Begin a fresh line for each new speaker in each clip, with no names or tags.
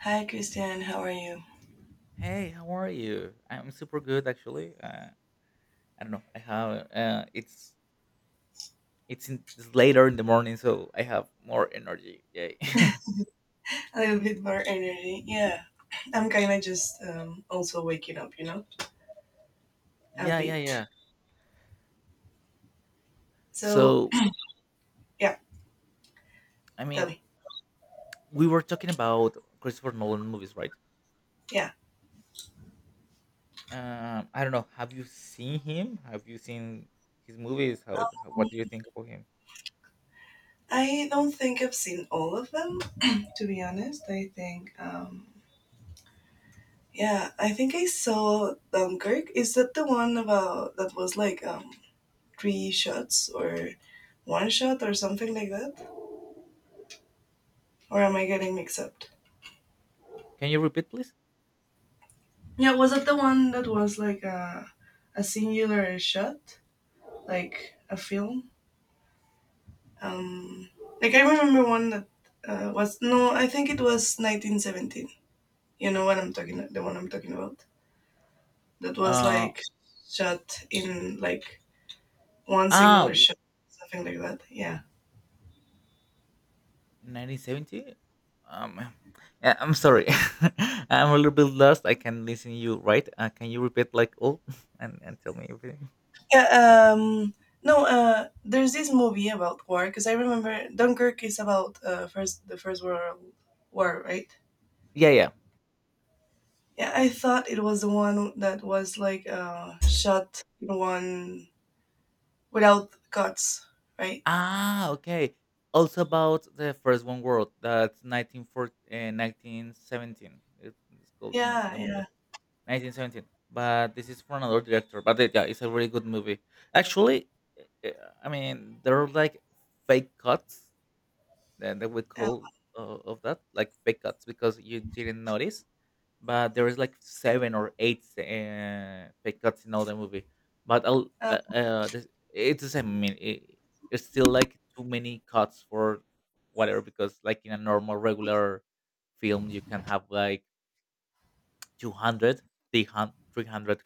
Hi, Christian. How are you?
Hey, how are you? I'm super good actually. I don't know. I have it's, in, it's later in the morning, so I have more energy. Yay!
A little bit more energy. Yeah, I'm kind of just also waking up, a
yeah, yeah,
bit.
yeah.
So,
So
yeah,
I
tell
mean,
me.
we were talking about Christopher Nolan movies, right?
Yeah,
I don't know. Have you seen him? Have you seen his movies? How, what do you think about him?
I don't think I've seen all of them, to be honest. I think, yeah, I think I saw Dunkirk. Is that the one about that was like three shots or one shot or something like that? Or am I getting mixed up?
Can you repeat, please?
Yeah, was that the one that was like a singular shot? Like a film. Um, like I remember one that was no, I think it was 1917. You know what I'm talking the one I'm talking about. That was
Uh,
like shot in like one single
ah,
or shot, something like that. Yeah.
1970, um yeah, I'm sorry. I'm a little bit lost. I can listen you right. Can you repeat like all and tell me everything.
Yeah. Um, no. There's this movie about war because I remember Dunkirk is about first the First World War, right?
Yeah, yeah.
Yeah, I thought it was the one that was like shot in one without cuts, right?
Okay, also about the first one world, that's 1940. 1917, it's called the, no-
Yeah,
the movie
yeah,
1917, but this is for another director. But it, yeah, it's a really good movie actually. uh, I mean, there are like fake cuts, then they would
yeah,
call, of that, like fake cuts, because you didn't notice. But there is like seven or eight fake cuts in all the movie.
um,
It's the same. I mean, it, it's still like too many cuts for whatever, because like in a normal regular film you can have like 200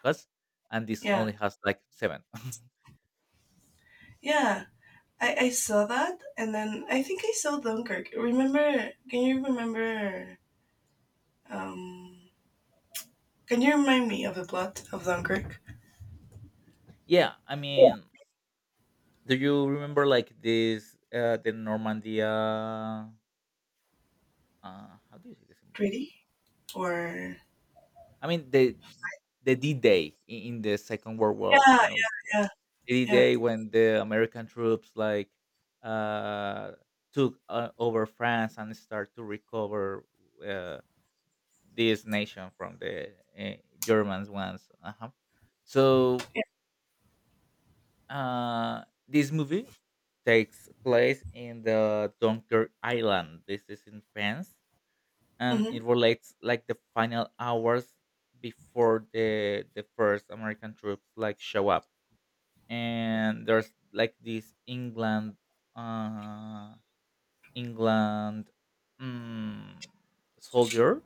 cuts, and this
yeah,
only has like seven.
yeah. I saw that, and then I think I saw Dunkirk. Remember? Can you remember? Um, can you remind me of the plot of Dunkirk?
yeah i
Yeah.
mean do you remember like this the Normandia? How do you say disembark? On
Treaty
it?
or?
I mean the D Day in the Second World War.
Yeah, yeah,
You know, like,
yeah,
D
yeah,
Day, when the American troops like uh, took over France and start to recover uh, this nation from the uh, Germans once. Uh-huh. So
yeah.
This movie takes place in the Dunkirk Island. This is in France, and
Mm-hmm,
it relates like the final hours before the first American troops like show up. And there's like this England. Uh, England mm, soldier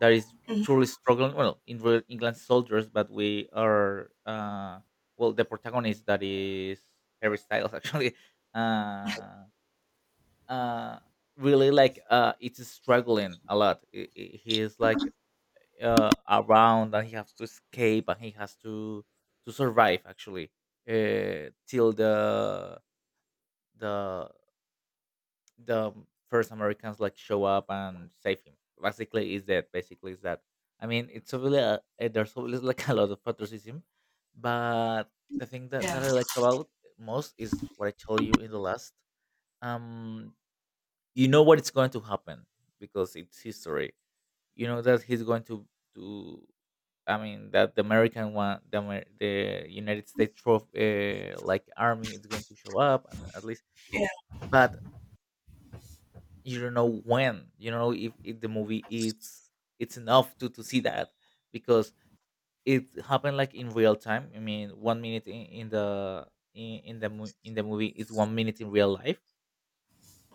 that is
mm-hmm.
truly struggling. Well, in real England soldiers, but we are well the protagonist, that is Harry Styles actually. Uh, uh, really like it's struggling a lot. He is like around, and he has to escape, and he has to survive actually till the the first Americans like show up and save him. Basically, is that. I mean, it's really a, eh, there's always like a lot of patriotism, but the thing that,
Yeah,
that I like about most is what I told you in the last. Um, you know what it's going to happen, because it's history. You know that he's going to. I mean that the American one, the United States trophy, like army is going to show up, and at least.
yeah.
But you don't know when, you know, if the movie it's enough to see that, because it happened like in real time. I mean, 1 minute in the in, in the movie is 1 minute in real life,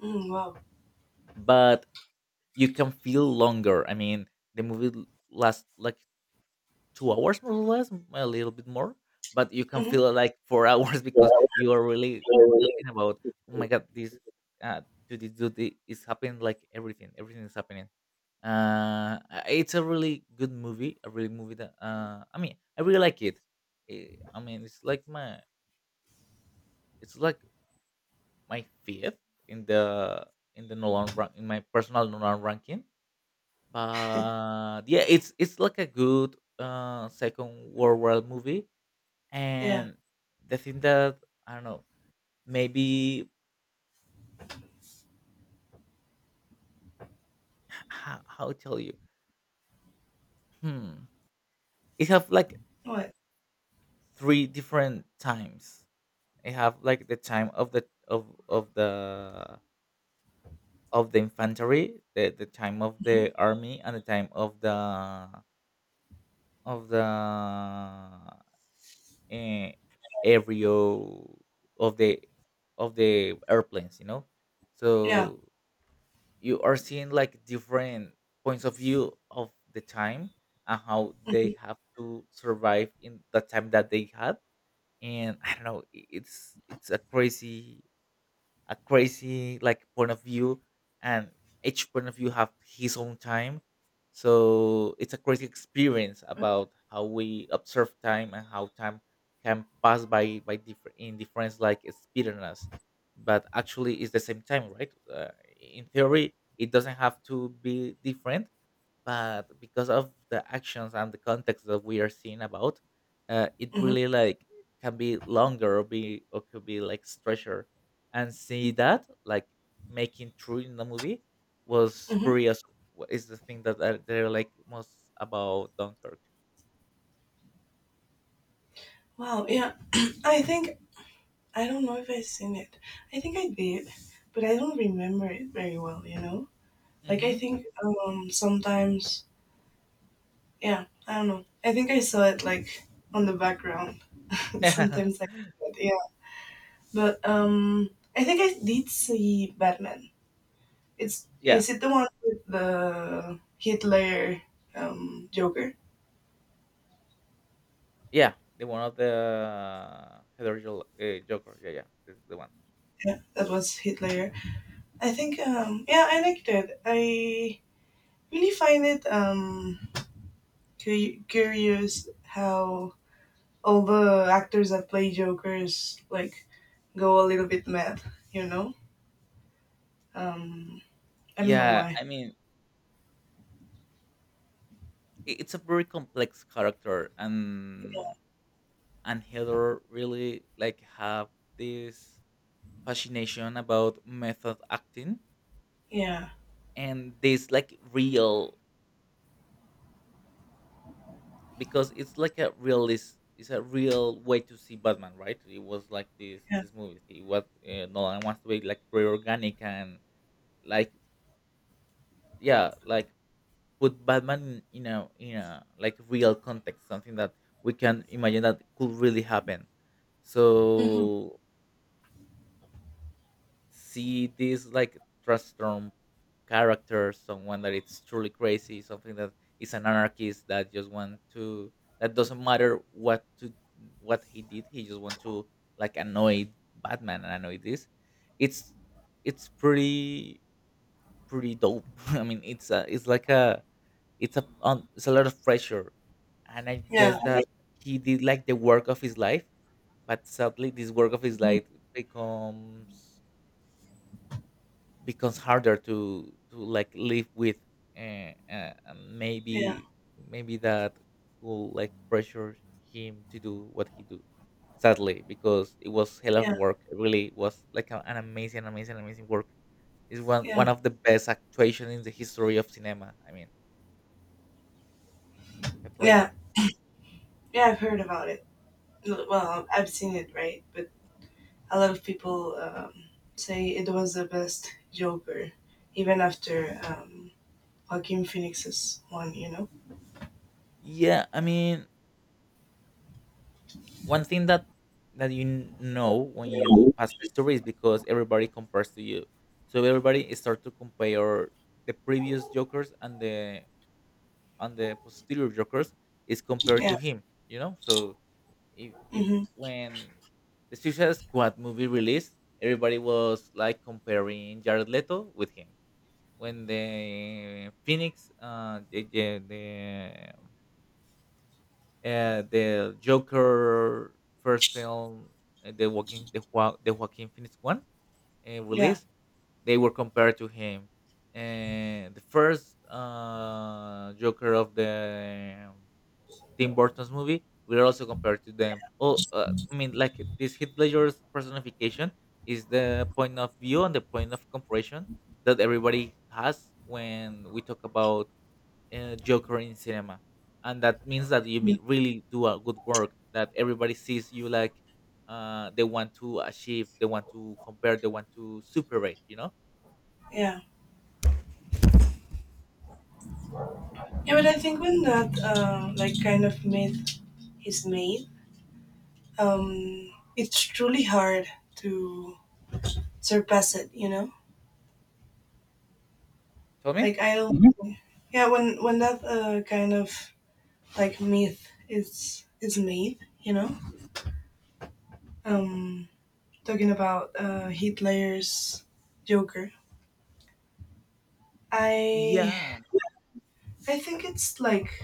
Mm, wow.
but you can feel longer. I mean, the movie lasts like 2 hours more or less, a little bit more, but you can
Mm-hmm.
feel like four hours,
Yeah,
because you are really
really.
talking about, oh my god, this uh to this dude is happening, like everything, everything is happening. It's a really good movie, a really movie that uh, I mean, I really like it. I mean, it's like my fifth in the, in the Nolan rank, in my personal Nolan ranking. But yeah, it's like a good second world war movie.
Yeah.
And the thing that I don't know, maybe how tell you, hmm, it have like
What?
three different times. I have like the time of the infantry, the time of the army, and the time of the aerial of the of the airplanes. You know,
Yeah.
so you are seeing like different points of view of the time, and how they have to survive in the time that they had. And I don't know. It's a crazy, a crazy like point of view, and each point of view have his own time, so it's a crazy experience about how we observe time, and how time can pass by different in different like speed on us, but actually it's the same time, right? In theory it doesn't have to be different, but because of the actions and the context that we are seeing about, it
Mm-hmm.
really like can be longer, or be, or could be like stretcher, and see that like making true in the movie was
Mm-hmm.
pretty as what is the thing that are, they're like most about Dunkirk.
Wow. Yeah. I think I don't know if I've seen it. I think I did, but I don't remember it very well. Like I
Hmm.
think sometimes yeah, I don't know. I think I saw it like on the background. Sometimes I but yeah. But I think I did see Batman. It's
yeah
is it the one with the Hitler Joker?
yeah The one of the joker, yeah, yeah, this is the one.
Yeah, that was Hitler. I think yeah, I liked it. I really find it cu- curious how all the actors that play Jokers like go a little bit mad, you know. Um, I don't know
yeah
why.
i mean it's a very complex character, and Heather really like have this fascination about method acting,
Yeah,
and this like real, because it's like a realist, it's a real way to see Batman, right? It was like this
yeah,
this movie. It was Nolan wants to be like very organic, and like yeah, like put Batman in a like real context, something that we can imagine that could really happen.
hmm
So see this like transform character, someone that it's truly crazy, something that is an anarchist that just want to, that doesn't matter what to, what he did, he just want to like annoy Batman, and annoy this. It's it's pretty, pretty dope. I mean, it's a it's like a it's a it's a lot of pressure, and I
yeah,
guess
I
that
like-
he did like the work of his life. But sadly, this work of his
mhm.
life becomes becomes harder to like live with. And
Yeah,
maybe, maybe that could like pressure him to do what he do, sadly, because it was hell of a
yeah,
work. It really was like an amazing, amazing, amazing work. It's one
yeah,
one of the best actuation in the history of cinema. I mean, Heath
yeah,
Ledger.
yeah. I've heard about it. L- Well, I've seen it, right? But a lot of people say it was the best Joker, even after Joaquin Phoenix's one.
Yeah, I mean, one thing that, that you know when you pass history is because everybody compares to you. So everybody is start to compare the previous jokers, and the posterior jokers, is compared
Yeah.
to him. You know, so if
Mm-hmm.
when the Suicide Squad movie released, everybody was like comparing Jared Leto with him. When the Phoenix, the Joker first film, the Joaquin Phoenix one
Yeah.
release, they were compared to him. And the first Joker of the Tim Burton's movie, we're also compared to them. Oh, I mean, like this Heath Ledger's personification is the point of view and the point of comparison that everybody has when we talk about Joker in cinema. And that means that you
Yeah.
really do a good work, that everybody sees you like they want to achieve, they want to compare, they want to superate. You know?
Yeah. Yeah. But I think when that like kind of made his made. It's truly hard to surpass it, you know.
Tell me.
Like I don't, Mhm. Yeah. When that kind of like myth is made, um, talking about Heath Ledger's Joker, I
Yeah,
I think it's like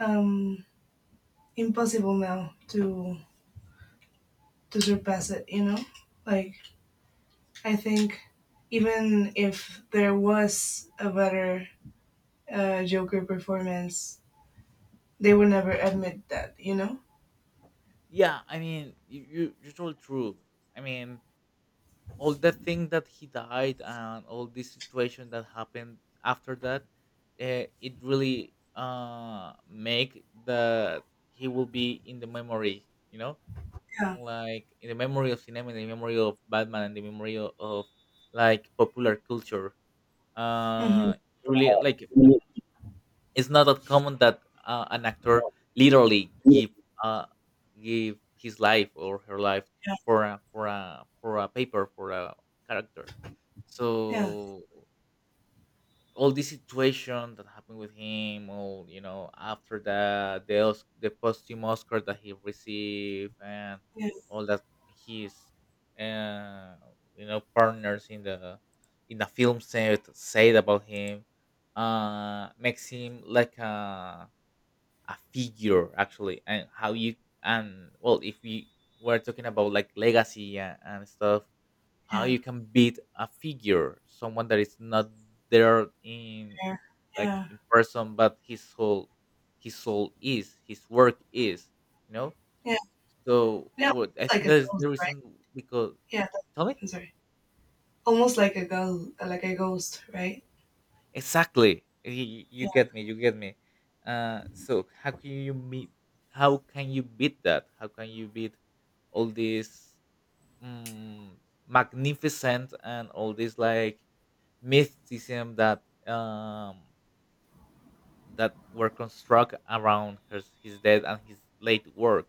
um, impossible now to surpass it, you know. Like I think even if there was a better Joker performance, they will never admit that, you know?
yeah. I mean, you you're so true. I mean, all the thing that he died, and all this situation that happened after that, it really make that he will be in the memory. You know,
Yeah.
like in the memory of cinema, in the memory of Batman, and the memory of like popular culture.
Hmm.
Uh, Really, like it's not that common that an actor literally
Yeah.
give uh give his life, or her life, for a paper for a character.
Yeah.
So all this situation that happened with him, all, you know, after that, the the posthumous Oscar that he received, and
Yeah.
all that his uh, you know, partners in the film set said about him, makes him like a figure actually. And how you, and well, if we were talking about like legacy and stuff, how
Yeah.
you can beat a figure, someone that is not there, in
Yeah.
like
Yeah.
in person, but his soul, his soul is his work is, you know,
Yeah.
so
Yeah.
what I
It's like
think
a
that is
ghost,
the
right?
reason, because,
Yeah, that-
tell me,
I'm sorry. Almost like a ghost, right?
exactly, you
Yeah.
get me, you get me. So how can you meet, how can you beat that, how can you beat all this, mm, magnificent, and all this like mysticism that that were construct around his death and his late work.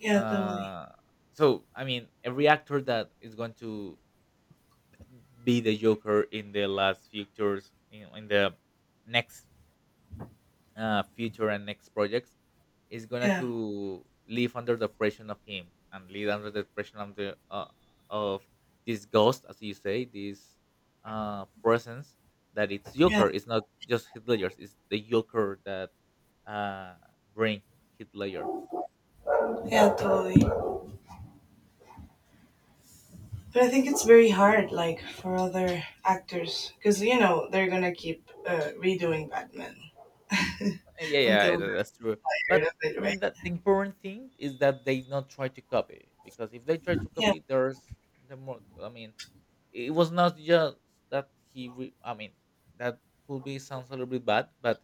Yeah. Totally.
Uh, so I mean, every actor that is going to be the Joker in the last futures, you know, in the next future and next projects, is gonna
Yeah.
to live under the pressure of him, and live under the pressure of the of this ghost, as you say, this presence that it's
Yeah.
Joker. It's not just Hitler's. It's the Joker that uh, bring Hitler.
Yeah. Totally. But I think it's very hard, like for other actors, because you know they're gonna keep redoing Batman
Yeah, yeah,
until they're
that's true.
tired
But
of it,
I mean, that
right?
the important thing is that they not try to copy, because if they try to copy, there's the more. It was not just that he. Re- I mean, that could be sounds a little bit bad, but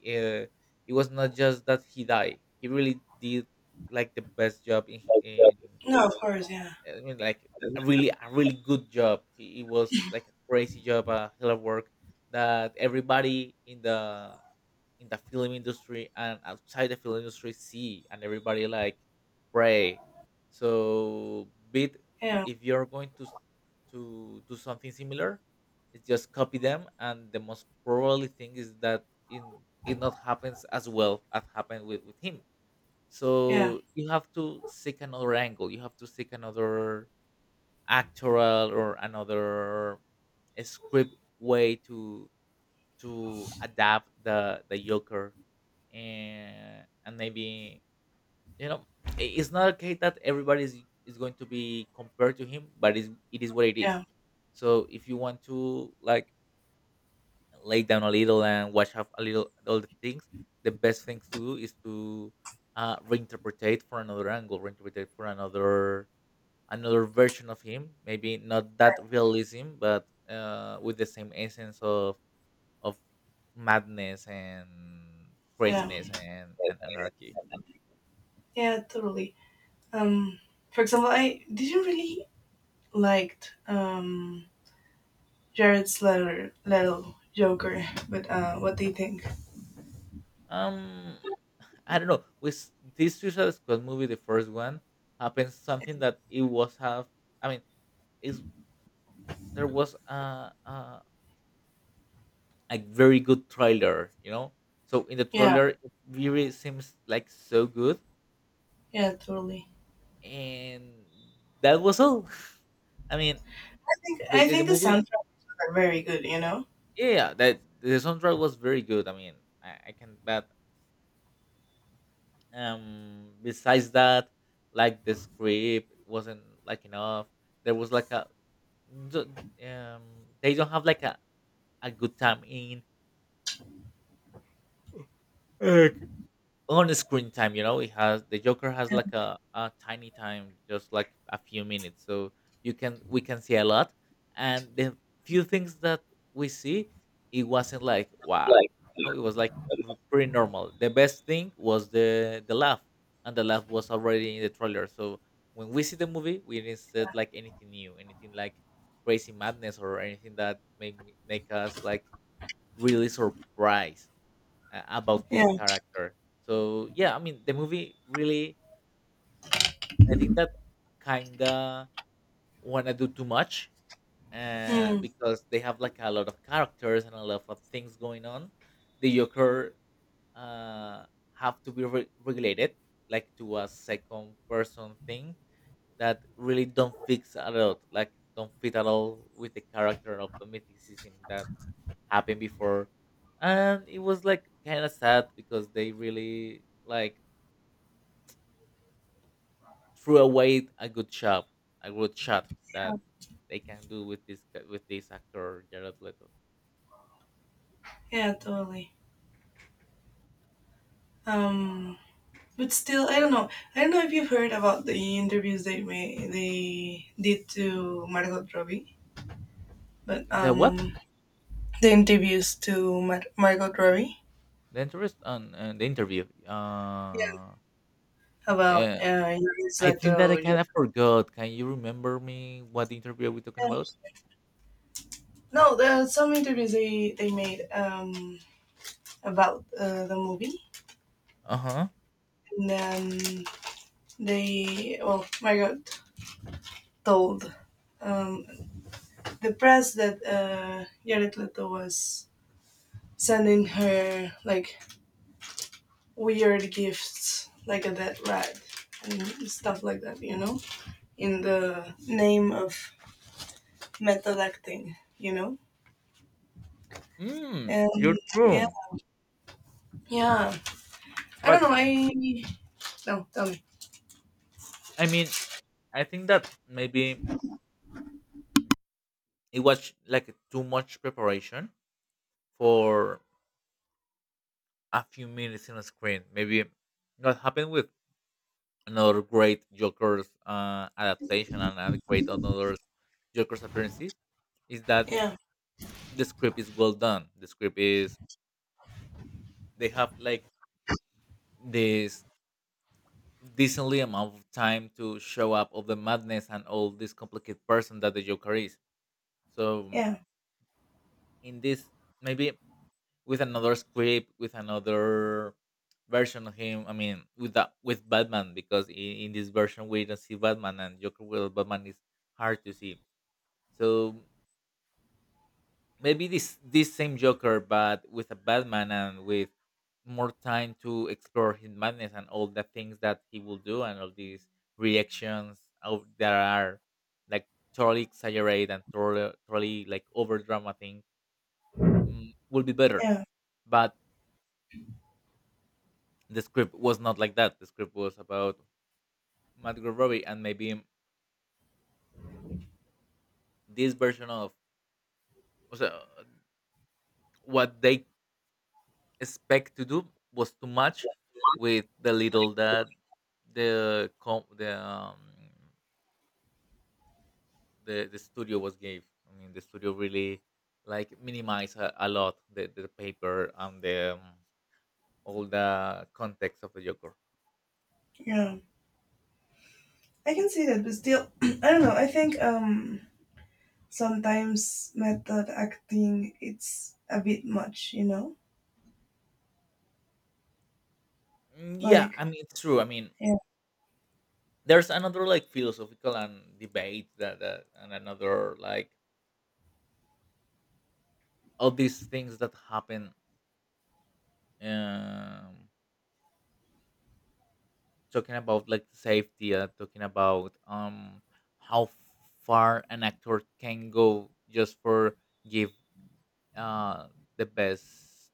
he, uh, it was not just that he died. He really did like the best job in
No, of course, yeah,
I mean, like
yeah,
a really a really good job. It was like a crazy job, a hell of work that everybody in the film industry and outside the film industry see, and everybody like pray so bit if you're going to do something similar, it's just copy them, and the most probably thing is that in it not happens as well as happened with him.
yeah,
So you have to seek another angle, you have to seek another actoral or another a script way to adapt the yoker. And maybe, you know, it's not okay that everybody is going to be compared to him, but it is what it is.
yeah,
So if you want to like lay down a little and watch out a little all the things, the best things to do is to reinterpretate for another angle, reinterpretate for another another version of him, maybe not that realism, but with the same essence of madness and
yeah,
craziness and anarchy.
yeah, totally. Um, for example, I didn't really liked Jared's letter, little Joker, but what do you think?
Um, I don't know. With this Suicide Squad movie, the first one, happens something that it was have. I mean, is there was a very good trailer, you know. So in the
Yeah,
trailer, it really seems like so good,
yeah, totally.
and that was all. I mean,
I think
the,
I
the, the
think the
movie,
soundtracks are very good. You know.
yeah, that the soundtrack was very good. I mean, I can, but besides that like the script wasn't like enough. There was like a d- um they don't have like a good time in on screen time, you know. It has the joker has
Yeah.
like a tiny time, just like a few minutes. So you can we can see a lot, and the few things that we see, it wasn't like wow, you know. It was like pretty normal. The best thing was the laugh, and the laugh was already in the trailer. So when we see the movie we didn't see like anything new, anything like crazy madness, or anything that make us like really surprised, about this
Yeah.
character. So yeah, I mean the movie really, I think that kinda wanna do too much,
Mm,
because they have like a lot of characters and a lot of things going on. The Joker uh, have to be regulated like to a second person thing that really don't fix at all, like don't fit at all with the character of the mythicism that happened before. And it was like kind of sad, because they really like threw away a good job, a good shot
yeah.
that they can do with this with this actor Jared Leto.
Yeah. Totally. Um. But still I don't know, I don't know if you've heard about the interviews they did to Margot Robbie but
The what?
the interviews to Mar- Margot Robbie
The interest on the interview,
yeah about
eh,
it's
I
like
think that I
the
kind of forgot. Can you remember me what interview are we talking about?
yeah. No, there are some interviews they made about the movie
Uh-huh.
and then they well Margot told um the press that Jared Leto was sending her like weird gifts like a dead rat and stuff like that, you know, in the name of method acting, you know.
Mm,
And
you're
yeah,
true,
yeah. I don't
but
know. I no, tell me.
I mean, I think that maybe it was like too much preparation for a few minutes on a screen. Maybe that happened with another great Joker's adaptation, and a great another Joker's appearances, is that
Yeah,
the script is well done. The script is they have like this decently amount of time to show up of the madness and all this complicated person that the Joker is. So
Yeah,
in this, maybe with another script, with another version of him. I mean, with that, with Batman, because in this version we don't see Batman, and Joker with Batman is hard to see. So maybe this this same Joker, but with a Batman and with more time to explore his madness and all the things that he will do and all these reactions of that are like totally exaggerated and totally like over drama thing, mm, will be better.
yeah,
But the script was not like that. The script was about Margot Robbie, and maybe this version of was, what they expect to do was too much with the little that the com- the um, the studio was gave. I mean, the studio really like minimized a lot the paper and the all the context of the Joker.
yeah. I can see that, but still, I don't know. I think sometimes method acting it's a bit much, you know.
Mm, yeah,
Like
I mean it's true. I mean,
yeah,
there's another like philosophical and debate that and another like all these things that happen um talking about like safety, talking about how far an actor can go just for give uh the best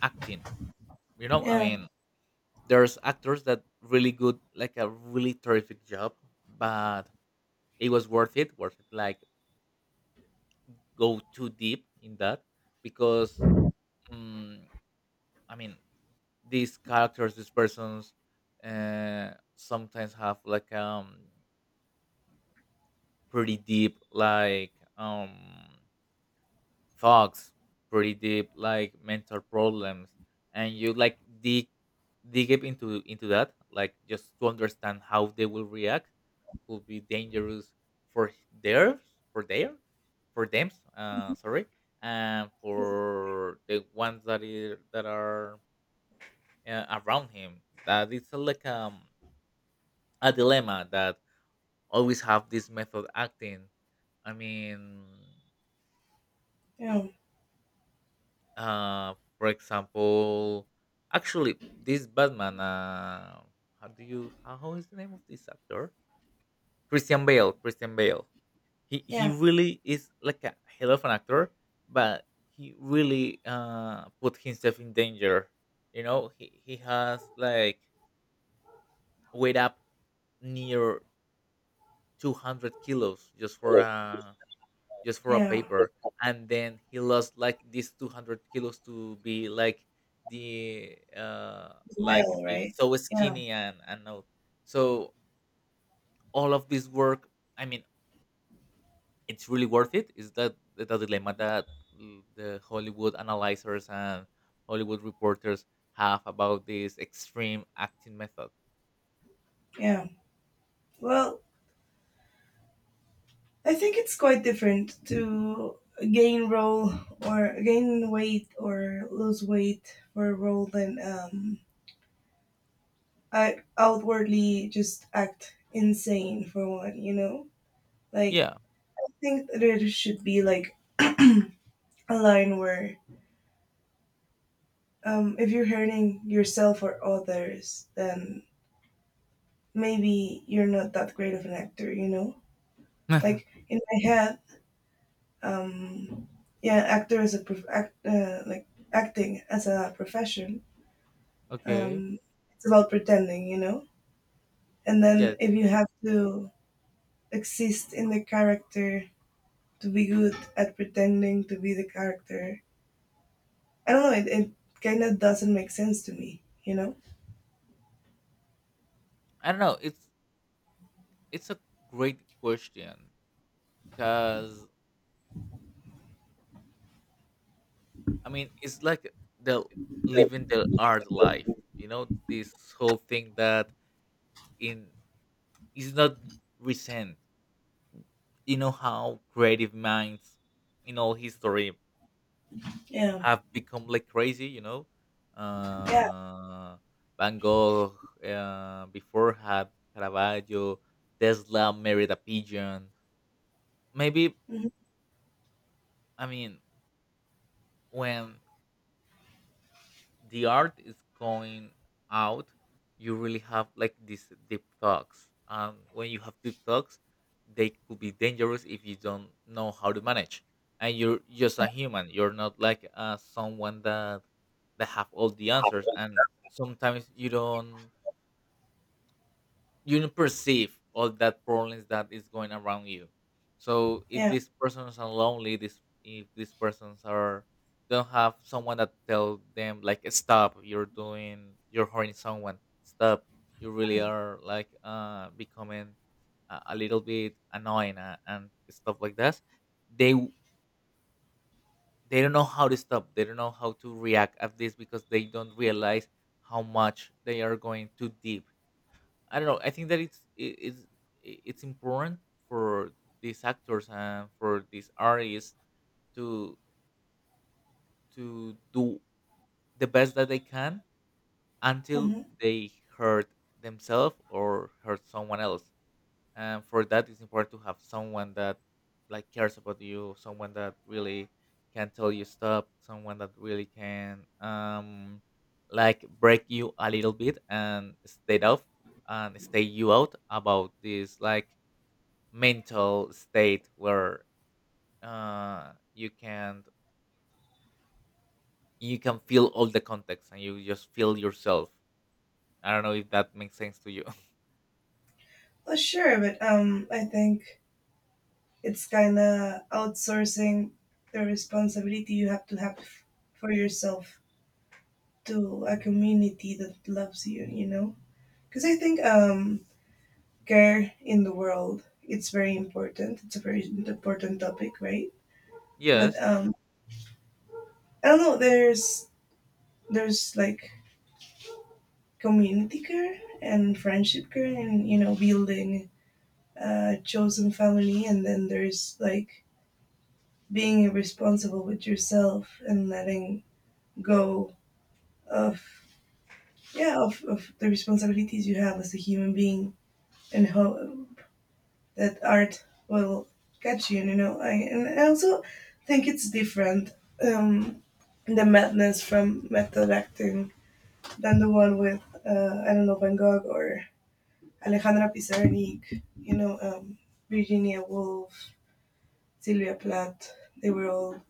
acting, you know, I
yeah,
mean there's actors that really good like a really terrific job, but it was worth it, worth it like go too deep in that, because mm, I mean, these characters, these persons, sometimes have like pretty deep like thoughts, pretty deep like mental problems, and you like dig up into that, like just to understand how they will react, could be dangerous for their for their for them. Sorry, and for the ones that is, that are around him, that it's like a dilemma that always have this method acting, I mean,
yeah,
for example, actually this batman, how do you how is the name of this actor? Christian Bale, Christian Bale. He
yeah,
really is like a hell of an actor, but he really put himself in danger, you know. He has like wait up near 200 kilos just for a
yeah.
paper, and then he lost like these 200 kilos to be like the like
Well,
be
right?
so
Yeah.
skinny and all. So all of this work, I mean, it's really worth it is that the dilemma that mm, the Hollywood analyzers and Hollywood reporters have about this extreme acting method.
Yeah. Well, I think it's quite different to gain role or gain weight or lose weight for a role than I outwardly just act insane for one, you know? Like
Yeah.
I think there should be like a line where if you're hurting yourself or others, then maybe you're not that great of an actor, you know? Like in my head um, yeah, actor is a prof- act, like acting as a profession.
Okay.
Um, it's about pretending, you know. And then
Yes,
if you
yes.
have to exist in the character to be good at pretending to be the character, I don't know. It kind of doesn't make sense to me, you know.
I don't know, it's a great question, because I mean it's like the living the art life, you know, this whole thing that in is not recent. You know how creative minds in all history
Yeah,
have become like crazy, you know.
yeah,
Uh, Van Gogh, before had Caravaggio, Tesla married a pigeon. Maybe,
hmm
I mean, when the art is going out, you really have like these deep thoughts. And when you have deep thoughts, they could be dangerous if you don't know how to manage. And you're just a human. You're not like someone that that have all the answers. And sometimes you don't, you don't perceive all that problems that is going around you. So if
yeah.
these persons are lonely, this if these persons are don't have someone that tell them like stop, you're doing you're hurting someone, stop, you really are like becoming a little bit annoying, and stuff like that. They w- they don't know how to stop. They don't know how to react at this, because they don't realize how much they are going too deep. I don't know. I think that it's it's important for these actors and for these artists to to do the best that they can until
Hmm.
they hurt themselves or hurt someone else. And for that, it's important to have someone that like cares about you, someone that really can tell you stop, someone that really can like break you a little bit and stay off and stay you out about this like mental state where uh you can you can feel all the context and you just feel yourself. I don't know if that makes sense to you.
Well, sure, but I think it's kind of outsourcing the responsibility you have to have for yourself to a community that loves you you know because I think care in the world it's very important it's a very important topic right but
Yes.
I don't know there's there's community care and friendship care and you know building a chosen family and then there's like being responsible with yourself and letting go of yeah of the responsibilities you have as a human being and how that art will catch you you know I, and I also think it's different um the madness from method acting than the one with I don't know Van Gogh or Alejandra Pizarnik you know Virginia Woolf Sylvia Plath they were all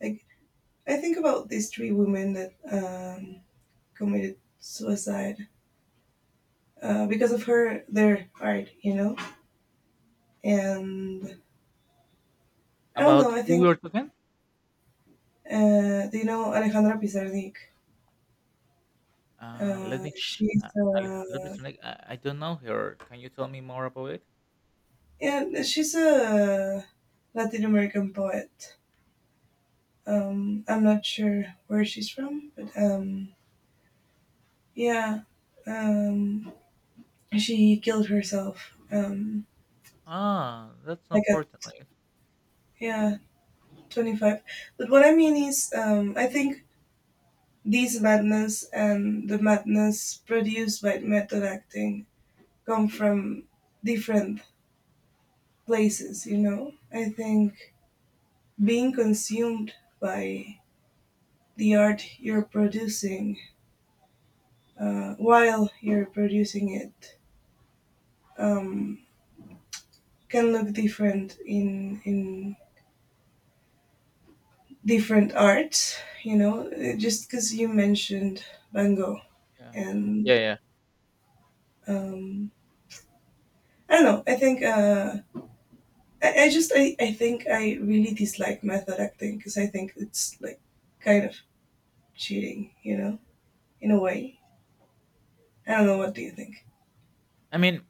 like I think about these three women that committed suicide because of her their art you know and I don't know.
About
I
who we
think
are talking?
do you know Alejandra Pizarnik?
uh let me ch-
She's
uh, Alejandra Pizarnik, I don't know her, can you tell me more about it?
yeah, she's a Latin American poet. I'm not sure where she's from, but yeah, um, she killed herself.
Ah, that's
Like at
unfortunate.
yeah, 25. But what I mean is, I think these madness and the madness produced by method acting come from different places, you know. I think being consumed by the art you're producing while you're producing it um, can look different in different arts, you know. Just because you mentioned Van Gogh
Yeah,
and
yeah. Yeah,
um, I don't know, I think. I think I really dislike method acting because I think it's like kind of cheating, you know, in a way. I don't know. What do you think?
I mean,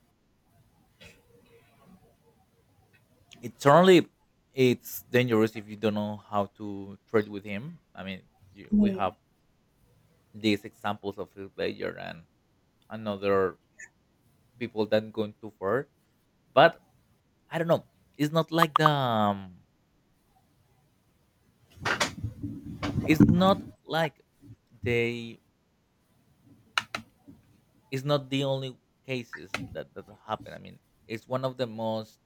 it's only it's dangerous if you don't know how to trade with him. I mean, you, we have these examples of Phil Player and another people that going too far, but I don't know, it's not like the it's not like they, it's not the only cases that that happen. I mean, it's one of the most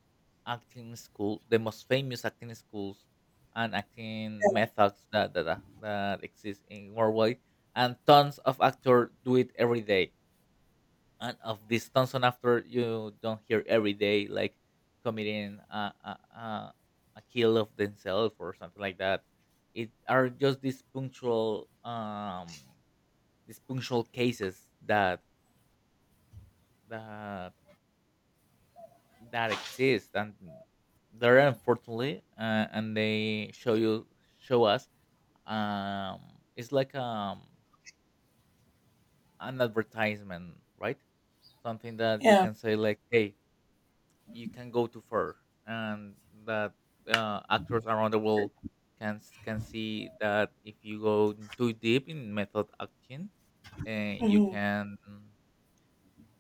acting school, the most famous acting schools and acting methods that exist in worldwide, and tons of actors do it every day. And of this Thompson after you don't hear every day like committing a, a kill of themselves or something like that. It are just these punctual cases that that that exist, and they're unfortunately, and they show you show us um it's like an advertisement, right? Something that you
Yeah.
can say like, hey, you can go too far, and that, actors around the world can see that if you go too deep in method acting, uh, you
Mhm.
can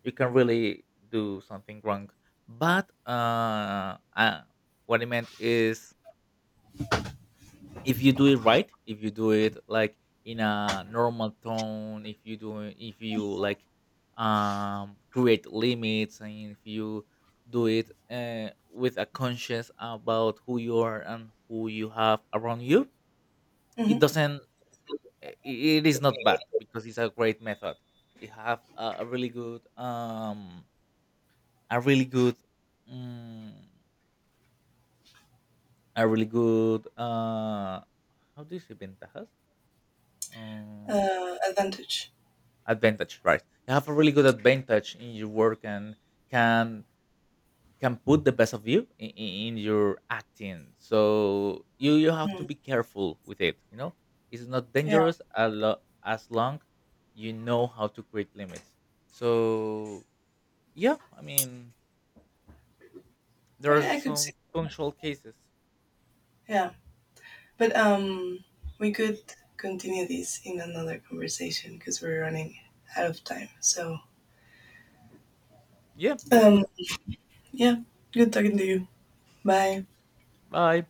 you can really do something wrong. But what I meant is, if you do it right, if you do it like in a normal tone, if you if you like create limits, and if you do it with a conscience about who you are and who you have around you,
Mhm.
it doesn't it is not bad, because it's a great method. You have a really good mm, a really good how do you say ventajas? Um,
Advantage.
Advantage, right? You have a really good advantage in your work, and can can put the best of you in your acting. So you have to
Mm.
be careful with it, you know. It's not
Yeah.
dangerous as long you know how to create limits. So yeah, I mean,
I,
there
mean,
are
I could see.
some punctual cases.
Yeah. But we could continue this in another conversation because we're running out of time. So
Yeah, that's good.
um, yeah. Good talking to you. Bye.
Bye.